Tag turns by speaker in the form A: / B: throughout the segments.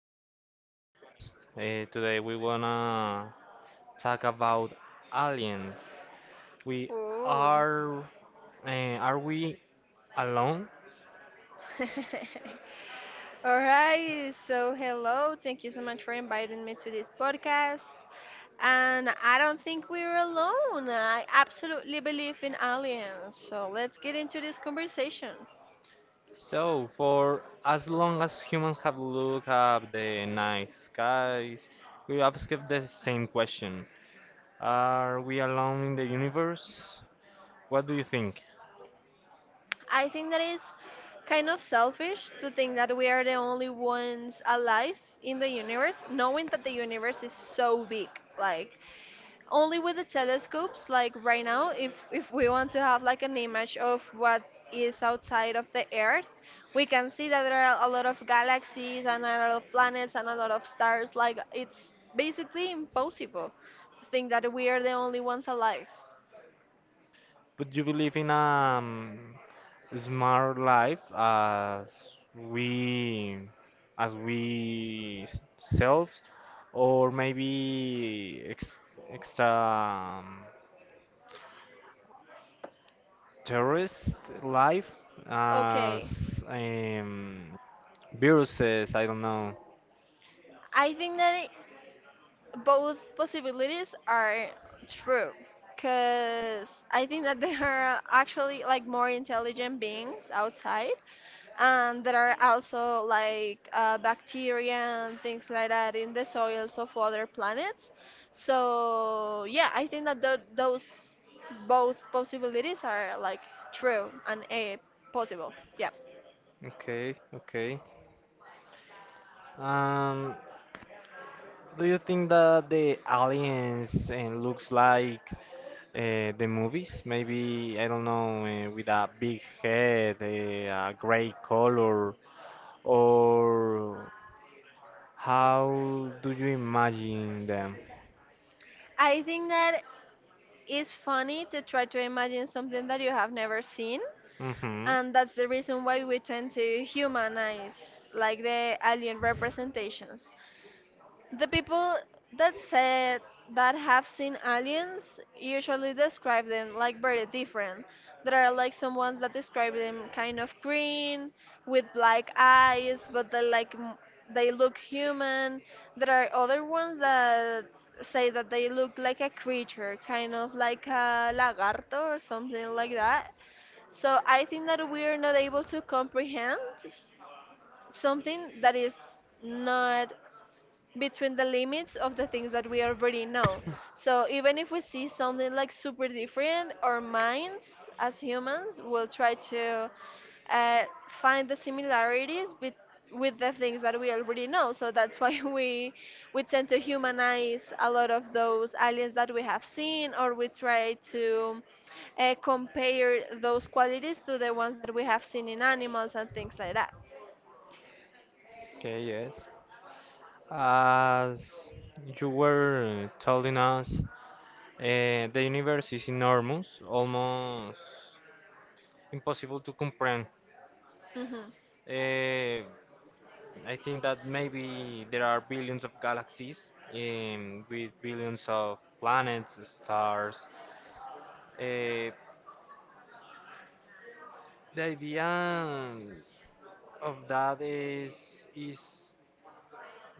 A: new podcast. Today we wanna talk about aliens. We
B: Oh.
A: are are we alone?
B: All right. So, hello. Thank you so much for inviting me to this podcast. And I don't think we're alone. I absolutely believe in aliens. So, let's get into this conversation.
A: So for as long as humans have looked at the night skies, we ask the same question: Are we alone in the universe? What do you think?
B: I think that is kind of selfish to think that we are the only ones alive in the universe, knowing that the universe is so big. Like, only with the telescopes like right now if we want to have like an image of what is outside of the earth, we can see that there are a lot of galaxies and a lot of planets and a lot of stars, like it's basically impossible to think that we are the only ones alive.
A: But you believe in a smart life as we as selves, or maybe ex extra um, terrorist life as
B: Okay,
A: um, viruses, I don't know.
B: I think that both possibilities are true because I think that there are actually like more intelligent beings outside, and there are also like bacteria and things like that in the soils of other planets. So yeah, I think that those both possibilities are like true and a possible. Yeah,
A: Okay, okay. Um, Do you think that the aliens looks like the movies? Maybe I don't know, with a big head, a gray color, or how do you imagine them?
B: I think that it's funny to try to imagine something that you have never seen,
A: Hmm.
B: and that's the reason why we tend to humanize like the alien representations. The people that said, that have seen aliens, usually describe them like very different. There are like some ones that describe them kind of green with black eyes, but they like they look human. There are other ones that say that they look like a creature, kind of like a lagarto or something like that. So I think that we're not able to comprehend something that is not between the limits of the things that we already know. So even if we see something like super different, our minds as humans will try to find the similarities with the things that we already know. So that's why we tend to humanize a lot of those aliens that we have seen, or we try to compare those qualities to the ones that we have seen in animals and things like that.
A: Okay, yes. As you were telling us, the universe is enormous, almost impossible to comprehend.
B: Hmm.
A: Uh, I think that maybe there are billions of galaxies with billions of planets, stars. Uh, the idea of that is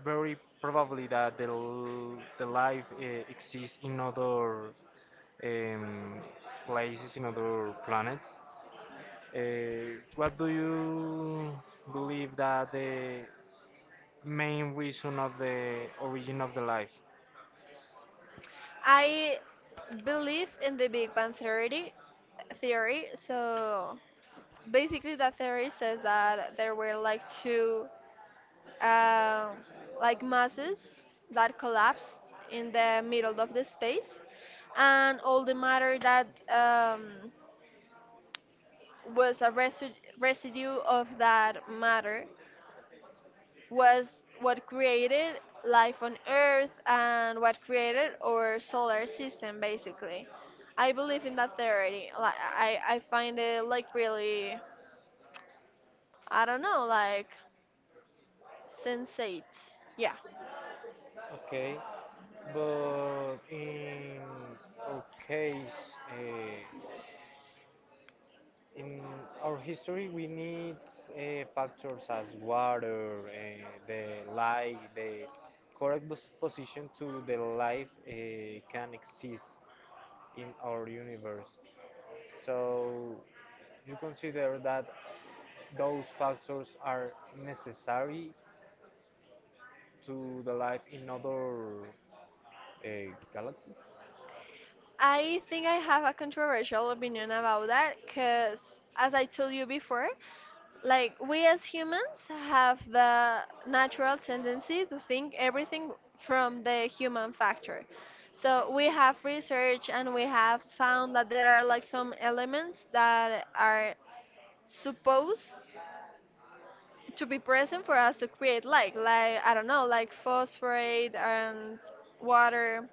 A: very probably that the life exists in other um, places, in other planets. What do you believe that the main reason of the origin of the life?
B: I believe in the Big Bang Theory, theory. So basically, that theory says that there were like two, um, like masses that collapsed in the middle of the space, and all the matter that was a residue of that matter was what created life on Earth and what created our solar system, basically. I believe in that theory. Like I find it like really, I don't know, like sensate. Yeah.
A: Okay, but in our case, in our history, we need factors as water, the light, the correct position to the life can exist in our universe. So you consider that those factors are necessary to the life in other galaxies.
B: I think I have a controversial opinion about that because, as I told you before, like we as humans have the natural tendency to think everything from the human factor. So we have research and we have found that there are like some elements that are supposed to be present for us to create, like I don't know, like phosphorate and water,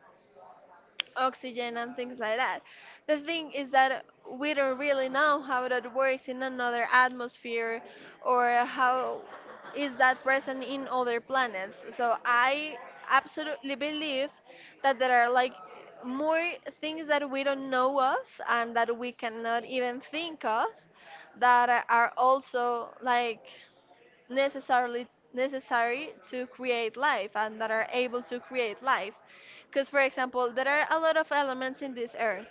B: oxygen and things like that. The thing is that we don't really know how that works in another atmosphere, or how is that present in other planets. So I absolutely believe that there are like more things that we don't know of and that we cannot even think of, that are also like necessarily necessary to create life and that are able to create life. Because for example, there are a lot of elements in this earth,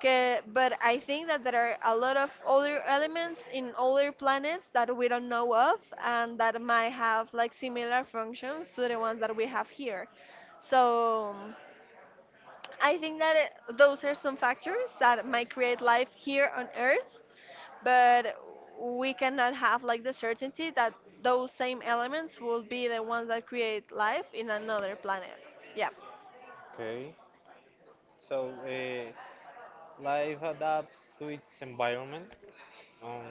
B: but I think that there are a lot of other elements in other planets that we don't know of, and that might have like similar functions to the ones that we have here. So I think that those are some factors that might create life here on earth, but we cannot have like the certainty that those same elements will be the ones that create life in another planet. Yeah.
A: Okay. So life adapts to its environment on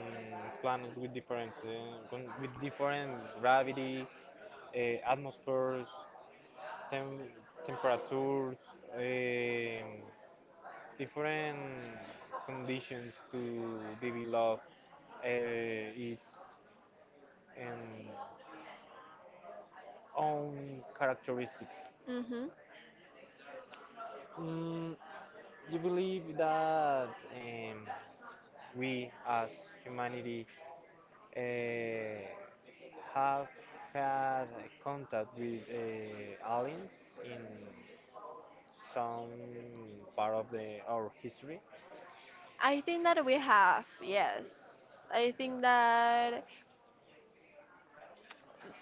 A: planets with different with different gravity, atmospheres, tem- temperatures, um different conditions to develop its um, own characteristics.
B: Mm-hmm.
A: Mm, you believe that um, we as humanity uh, have had contact with aliens in some part of our history.
B: I think that we have, yes. I think that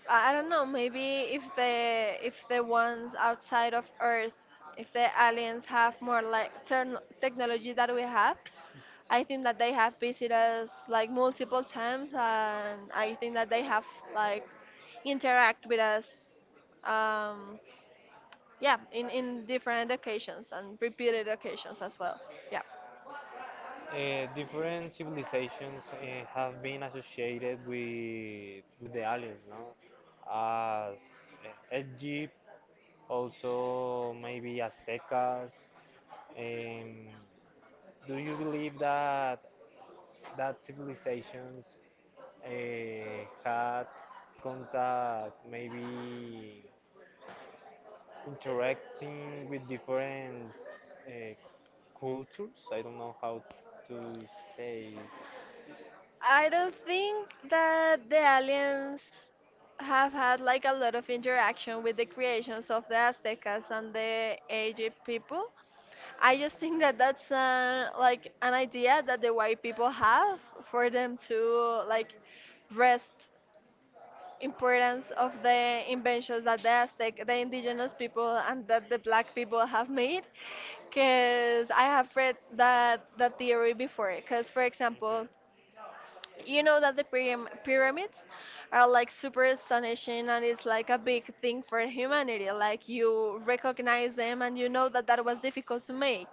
B: I don't know, maybe if the ones outside of Earth, if the aliens have more like turn technology that we have, I think that they have visited us like multiple times, and I think that they have like interact with us, um, yeah, in different occasions and repeated occasions as well. Yeah,
A: Different civilizations have been associated with the aliens, no? As Egypt, also maybe Aztecas. Um, do you believe that that civilizations had contact, maybe interacting with different uh, cultures? I don't know how to say.
B: I don't think that the aliens have had like a lot of interaction with the creations of the Aztecas and the Egypt people. I just think that that's like an idea that the white people have for them to like rest importance of the inventions that the Aztec, the indigenous people, and that the black people have made. Because I have read that that theory before. Because for
A: Mhm.
B: example, you know that the pyramids are like super astonishing, and it's like a big thing for humanity. Like you recognize them, and you know that that was difficult to make.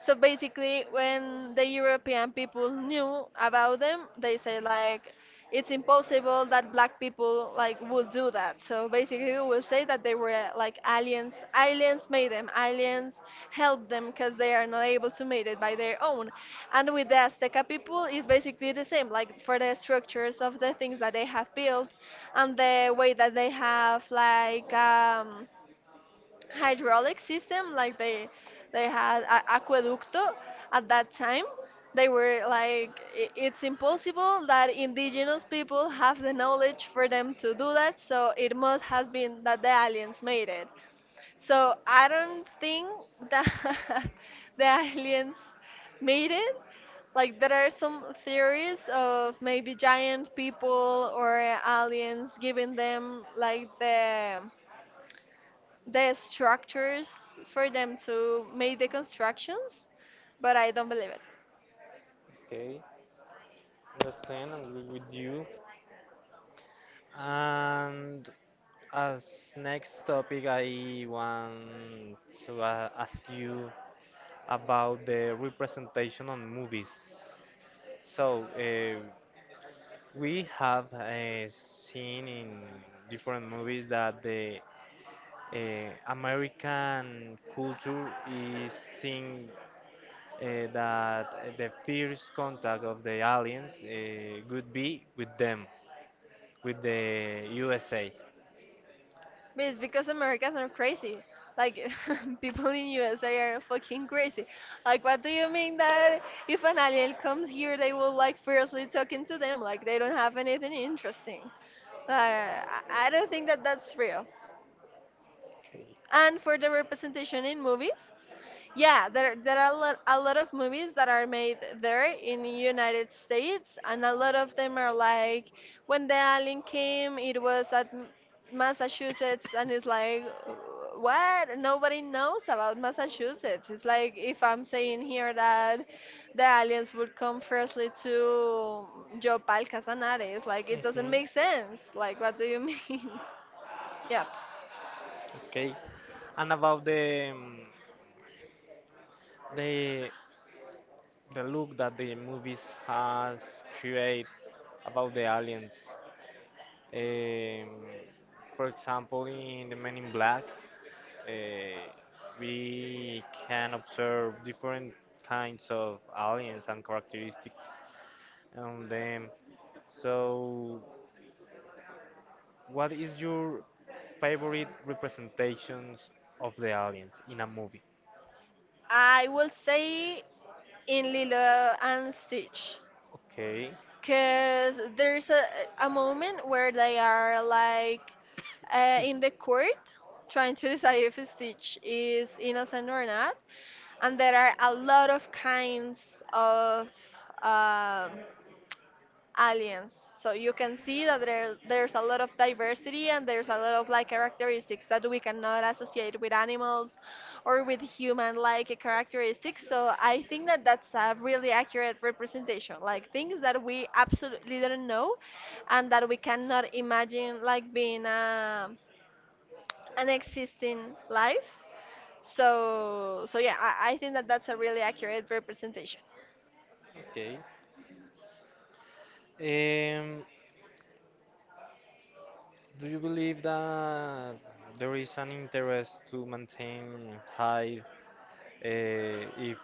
B: So basically, when the European people knew about them, they say like it's impossible that black people like would do that. So basically, we will say that they were like aliens. Aliens made them. Aliens helped them because they are not able to make it by their own. And with the Azteca people is basically the same, like for the structures of the things that they have built and the way that they have like hydraulic system, like they had a aqueducto at that time. They were like, "I- it's impossible that indigenous people have the knowledge for them to do that, so it must has been that the aliens made it. So I don't think that the aliens made it. Like there are some theories of maybe giant people or aliens giving them like the structures for them to make the constructions, but I don't believe it.
A: Okay, understand. I'm with you. And as next topic, I want to ask you about the representation on movies. So, we have seen in different movies that the American culture is think that the first contact of the aliens could be with them, with the USA.
B: But it's because Americans are crazy. Like people in USA are fucking crazy. Like what do you mean that if an alien comes here, they will like fiercely talking to them like they don't have anything interesting. Like I don't think that that's real.
A: Okay.
B: And for the representation in movies, yeah, there are a lot of movies that are made there in the United States, and a lot of them are like when the alien came, it was at Massachusetts, and it's like what? Nobody knows about Massachusetts. It's like if I'm saying here that the aliens would come firstly to Yopal, Casanares, like it doesn't
A: Mhm.
B: make sense. Like what do you mean? Yeah,
A: Okay. And about the the the look that the movies has create about the aliens. Um, for example, in the Men in Black, uh, we can observe different kinds of aliens and characteristics. And then, so what is your favorite representations of the aliens in a movie?
B: I will say in Lilo and Stitch.
A: Okay.
B: Because there's a moment where they are like in the court trying to decide if Stitch is innocent or not. And there are a lot of kinds of um, aliens. So you can see that there's a lot of diversity, and there's a lot of like characteristics that we cannot associate with animals or with human like characteristics. So I think that that's a really accurate representation, like things that we absolutely don't know and that we cannot imagine like being an existing life. So so yeah, I think that that's a really accurate representation.
A: Okay. Um, do you believe that there is an interest to maintain high if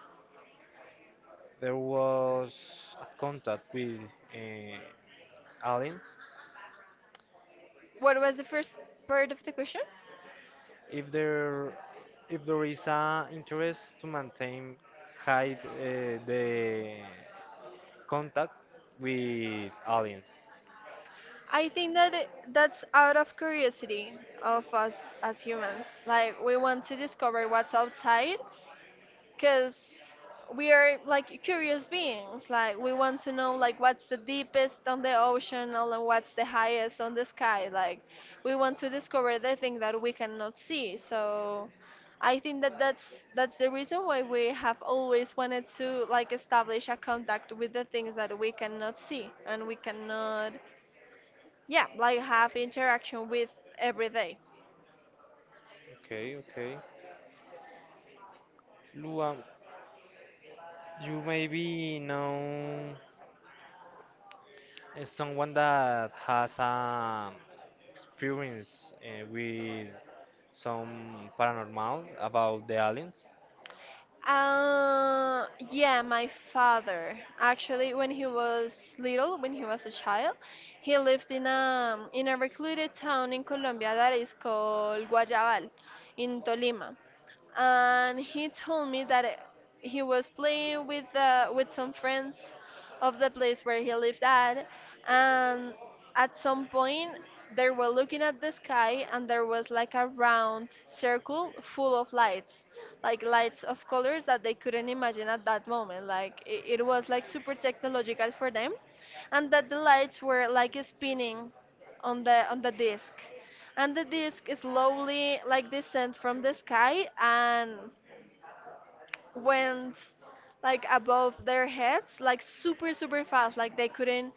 A: there was a contact with uh, aliens?
B: What was the first part of the question?
A: If there if there is an interest to maintain hide the contact with aliens.
B: I think that that's out of curiosity of us as humans. Like we want to discover what's outside because we are like curious beings. Like we want to know like what's the deepest on the ocean, and then what's the highest on the sky. Like we want to discover the thing that we cannot see. So I think that that's the reason why we have always wanted to like establish a contact with the things that we cannot see and we cannot, yeah, like have interaction with every day.
A: Okay, okay. Luan, you maybe know someone that has experience with some paranormal about the aliens?
B: uh yeah, my father actually, when he was little, when he was a child, he lived in a recluded town in Colombia that is called Guayabal, in Tolima. And he told me that he was playing with some friends of the place where he lived at, and at some point they were looking at the sky, and there was like a round circle full of lights, like lights of colors that they couldn't imagine at that moment. Like it was like super technological for them, and that the lights were like spinning on the disc, and the disc slowly like descend from the sky and went like above their heads like super super fast. Like they couldn't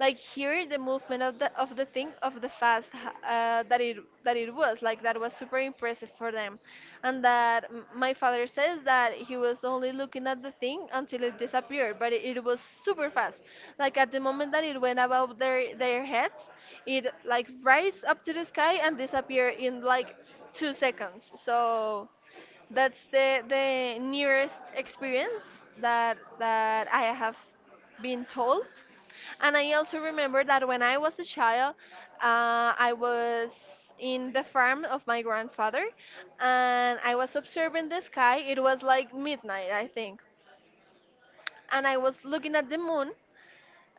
B: like hear the movement of the thing of the fast that it was. Like that was super impressive for them. And that my father says that he was only looking at the thing until it disappeared, but it was super fast. Like at the moment that it went above their heads, it like rise up to the sky and disappear in like 2 seconds. So that's the nearest experience that I have been told. And I also remember that when I was a child, I was in the farm of my grandfather, and I was observing the sky. It was like midnight, I think, and I was looking at the moon,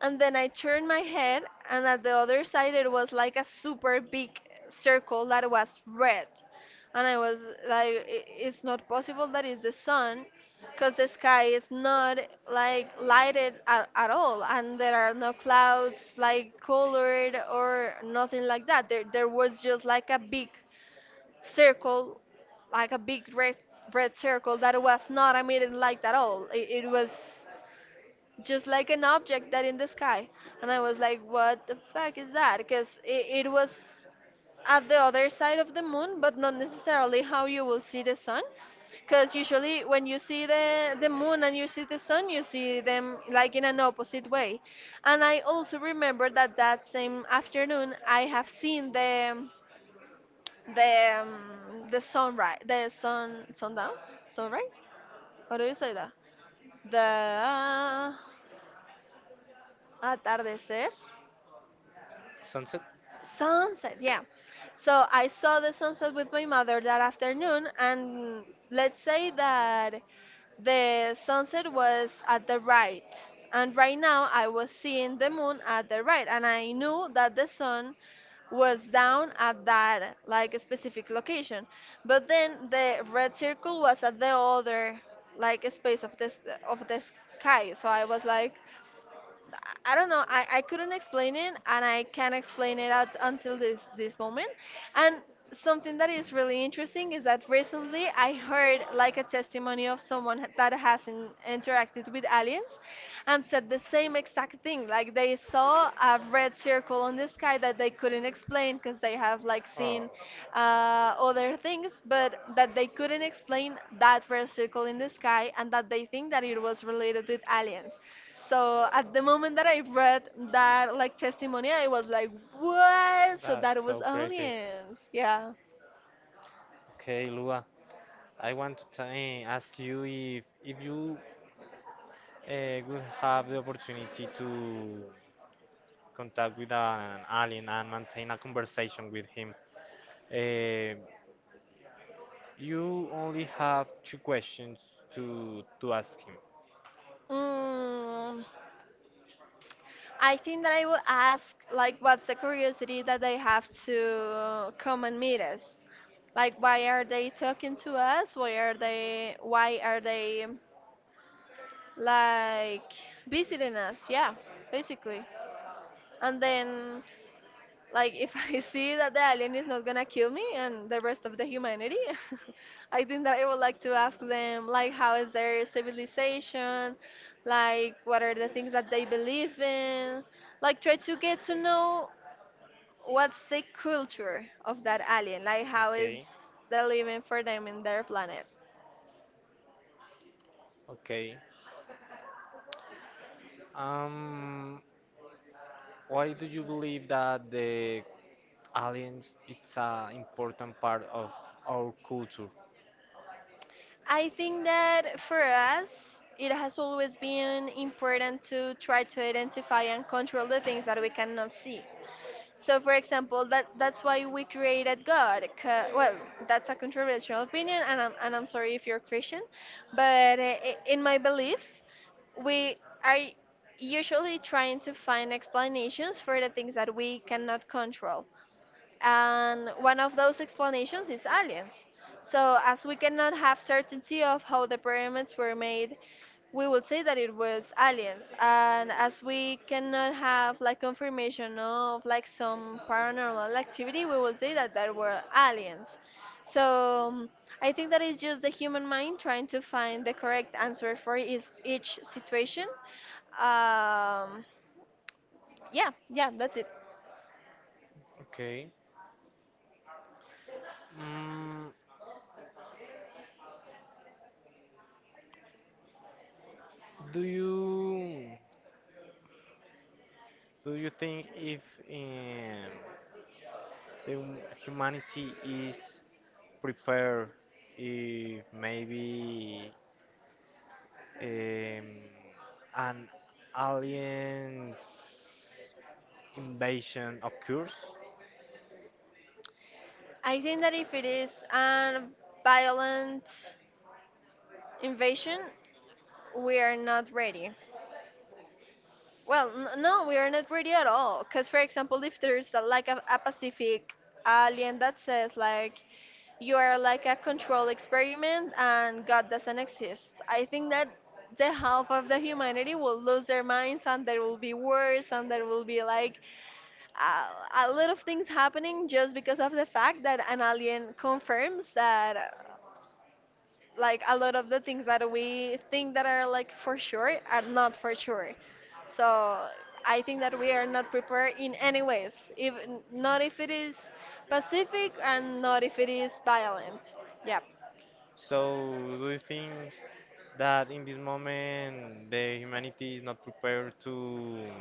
B: and then I turned my head, and at the other side it was like a super big circle that was red. And I was like, "I- it's not possible that is the sun, because the sky is not like lighted at all, and there are no clouds like colored or nothing like that. There was just like a big circle, like a big red circle that was not a light at all. It was just like an object that in the sky. And I was like, what the fuck is that? Because it was at the other side of the moon, but not necessarily how you will see the sun, because usually when you see the moon and you see the sun, you see them like in an opposite way. And I also remember that that same afternoon I have seen the um, the sunrise, the sun, sundown, sunrise. How do you say that? The atardecer.
A: Sunset?
B: Sunset, yeah. So I saw the sunset with my mother that afternoon, and let's say that the sunset was at the right. And right now I was seeing the moon at the right, and I knew that the sun was down at that like specific location. But then the red circle was at the other like space of this of the sky. So I was like, I don't know. I couldn't explain it, and I can't explain it at until this moment. And something that is really interesting is that recently I heard like a testimony of someone that has interacted with aliens, and said the same exact thing. Like they saw a red circle in the sky that they couldn't explain because they have like seen other things, but that they couldn't explain that red circle in the sky, and that they think that it was related with aliens. So at the moment that I read that like testimony, I was like, what? So
A: That that's
B: that
A: is
B: was
A: so so crazy, weird.
B: aliens. Yeah.
A: Okay, Lua, I want to ask you if if you would have the opportunity to contact with an alien and maintain a conversation with him, uh, you only have two questions to to ask him.
B: Mm, I think that I will ask like, what's the curiosity that they have to come and meet us? Like, why are they talking to us? Why are they, why are they like visiting us? Yeah, basically. And then, like, if I see that the alien is not gonna kill me and the rest of the humanity, I think that I would like to ask them, like, how is their civilization, like what are the things that they believe in, like try to get to know what's the culture of that alien, like how is
A: Okay.
B: the living for them in their planet.
A: Okay. Um, why do you believe that the aliens it's an important part of our culture?
B: I think that for us, it has always been important to try to identify and control the things that we cannot see. So, for example, that that's why we created God. Well, that's a controversial opinion, and I'm sorry if you're Christian, but in my beliefs, we are usually trying to find explanations for the things that we cannot control. And one of those explanations is aliens. So, as we cannot have certainty of how the pyramids were made, we would say that it was aliens. And as we cannot have like confirmation of like some paranormal activity, we will say that there were aliens. So, I think that is just the human mind trying to find the correct answer for is each situation. Um, yeah, yeah, that's it.
A: Okay. Mm, do you do you think if um, the humanity is prepared if maybe um, an aliens invasion occurs.
B: I think that if it is a violent invasion, we are not ready. Well, no, we are not ready at all. Because, for example, if there's a Pacific alien that says, like, you are like a control experiment and God doesn't exist, I think that the half of the humanity will lose their minds, and there will be wars, and there will be like a lot of things happening just because of the fact that an alien confirms that like a lot of the things that we think that are like for sure are not for sure. So I think that we are not prepared in any ways, if not if it is pacific and not if it is violent. Yeah.
A: So, do you think that in this moment the humanity is not prepared to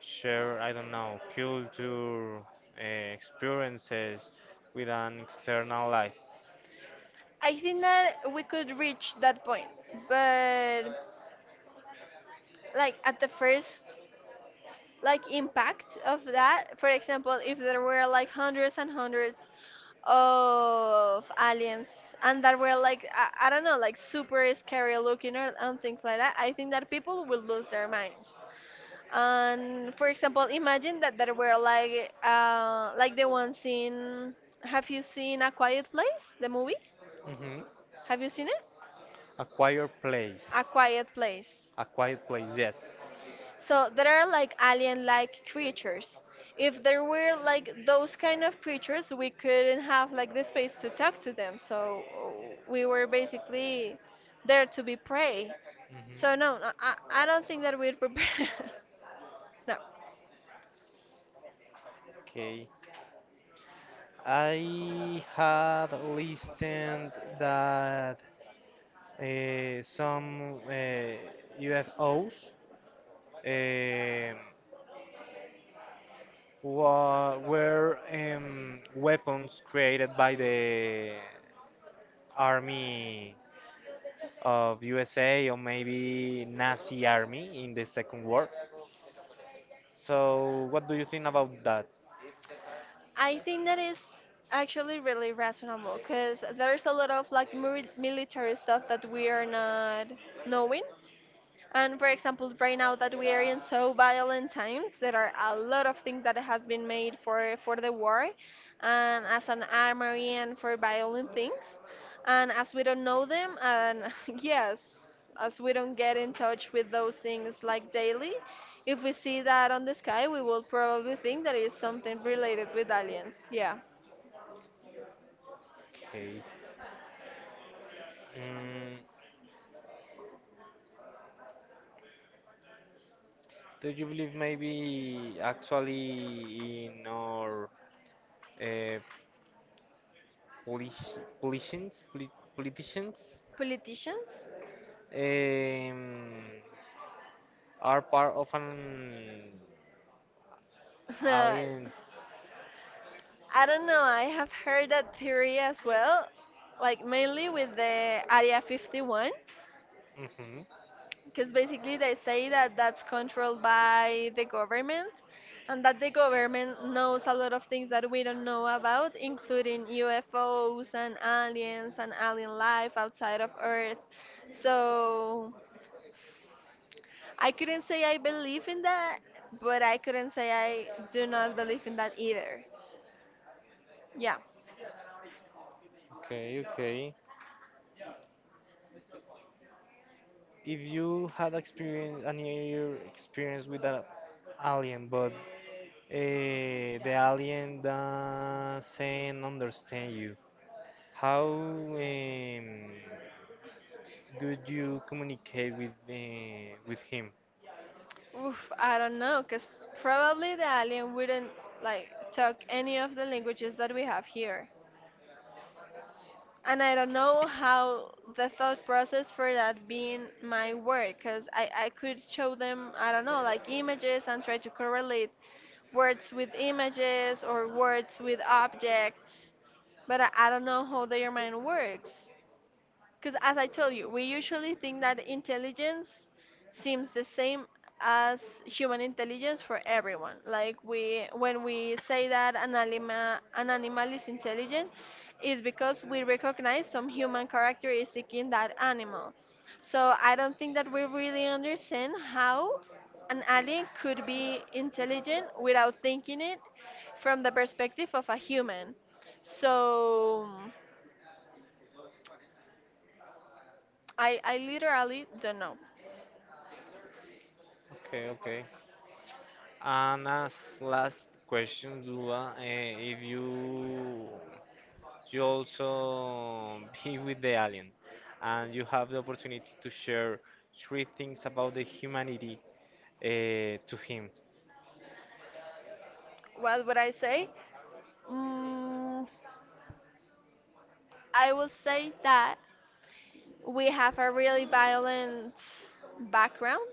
A: share, I don't know, culture, experiences with an external life?
B: I think that we could reach that point, but like at the first like impact of that. For example, if there were like hundreds and hundreds of aliens and that were like, I don't know, like super scary looking, or, and things like that, I think that people will lose their minds. And for example, imagine that there were like the ones in, have you seen A Quiet Place, the movie?
A: Hmm.
B: Have you seen it?
A: A quiet
B: A
A: place.
B: Quiet Place.
A: A quiet place, yes.
B: So there are like alien-like creatures. If there were like those kind of creatures, we couldn't have like the space to talk to them. So we were basically there to be prey. So no,
A: Hmm.
B: no, I don't think that we'd prepare. No.
A: Okay. I had listened that some UFOs um, were weapons created by the army of USA, or maybe Nazi army in the Second War. So, what do you think about that?
B: I think that is actually really reasonable because there's a lot of like military stuff that we are not knowing. And for example, right now that we are in so violent times, there are a lot of things that has been made for the war, and as an armory and for violent things, and as we don't know them, and yes, as we don't get in touch with those things like daily, if we see that on the sky, we will probably think that it is something related with aliens. Yeah,
A: Okay. Mm, do you believe maybe actually in our uh, politi- politicians, poli- politicians
B: politicians.
A: um, are part of an alliance.
B: I don't know. I have heard that theory as well, like mainly with the Area 51,
A: Hmm.
B: because basically they say that that's controlled by the government and that the government knows a lot of things that we don't know about, including UFOs and aliens and alien life outside of Earth. So I couldn't say I believe in that, but I couldn't say I do not believe in that either. Yeah.
A: Okay, okay. If you had experience a near experience with an alien, but the alien doesn't understand you, how could you communicate with him?
B: Oof, I don't know, because probably the alien wouldn't like talk any of the languages that we have here. And I don't know how the thought process for that being my work, because I could show them, I don't know, like images and try to correlate words with images or words with objects, but I don't know how their mind works. Because as I told you, we usually think that intelligence seems the same as human intelligence for everyone. Like we, when we say that an animal is intelligent, is because we recognize some human characteristic in that animal. So I don't think that we really understand how an alien could be intelligent without thinking it from the perspective of a human. So I literally don't know.
A: Okay, okay. And as last question, Dula, if you you also be with the alien and you have the opportunity to share three things about the humanity to him.
B: What would I say? Mm, I will say that we have a really violent background,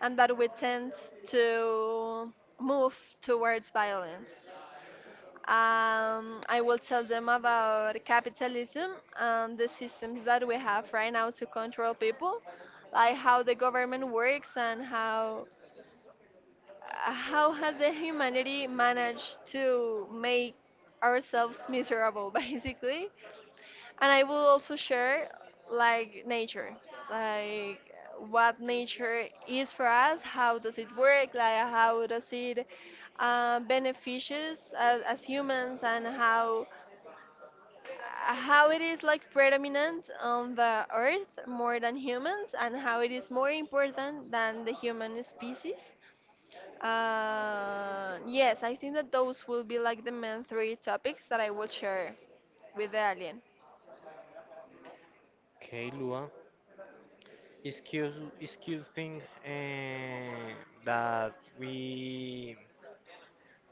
B: and that we tend to move towards violence. I will tell them about capitalism and the systems that we have right now to control people, like how the government works, and how has the humanity managed to make ourselves miserable, basically. And I will also share like nature, like what nature is for us, how does it work, like how does it benefit us as humans, and how it is like predominant on the earth more than humans, and how it is more important than the human species. Yes, I think that those will be like the main three topics that I will share with the alien.
A: Okay, Lua. It's cute, it's cute thing uh, that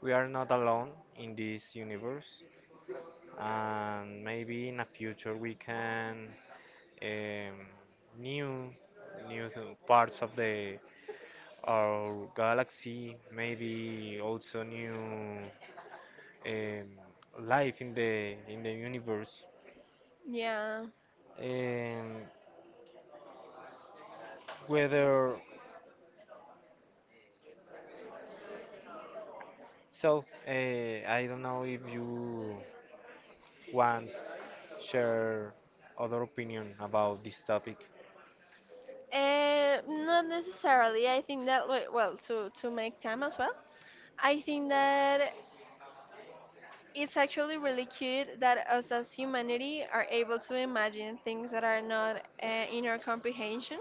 A: we are not alone in this universe, and maybe in the future we can um, new parts of the our galaxy, maybe also new um, life in the universe.
B: Yeah.
A: And whether so, I don't know if you want share other opinion about this topic.
B: Not necessarily. I think that we- well, to make time as well. I think that it's actually really cute that us as humanity are able to imagine things that are not in our comprehension.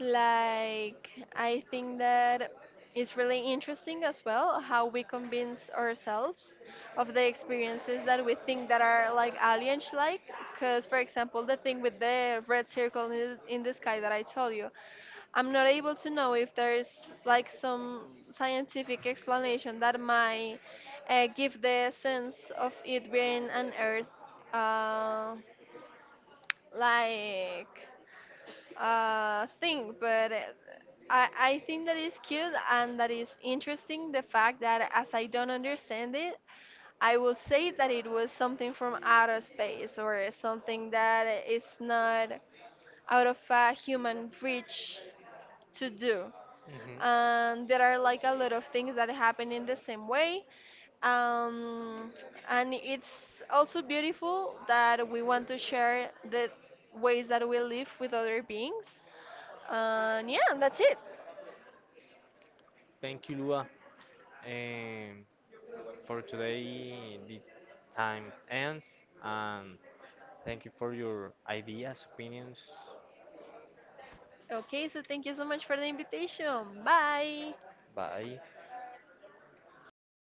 B: Like I think that it's really interesting as well how we convince ourselves of the experiences that we think that are like alien-like. Because for example, the thing with the red circle in the sky that I told you, I'm not able to know if there's like some scientific explanation that might give the sense of it being an Earth uh, like thing, but I think that is cute and that is interesting. The fact that as I don't understand it, I will say that it was something from outer space or something that is not out of a human reach to do.
A: Mhm.
B: And there are like a lot of things that happen in the same way, um, and it's also beautiful that we want to share the ways that we live with other beings, and yeah, that's it.
A: Thank you, Lua. Um, for today, the time ends. And thank you for your ideas, opinions.
B: Okay, so thank you so much for the invitation. Bye.
A: Bye.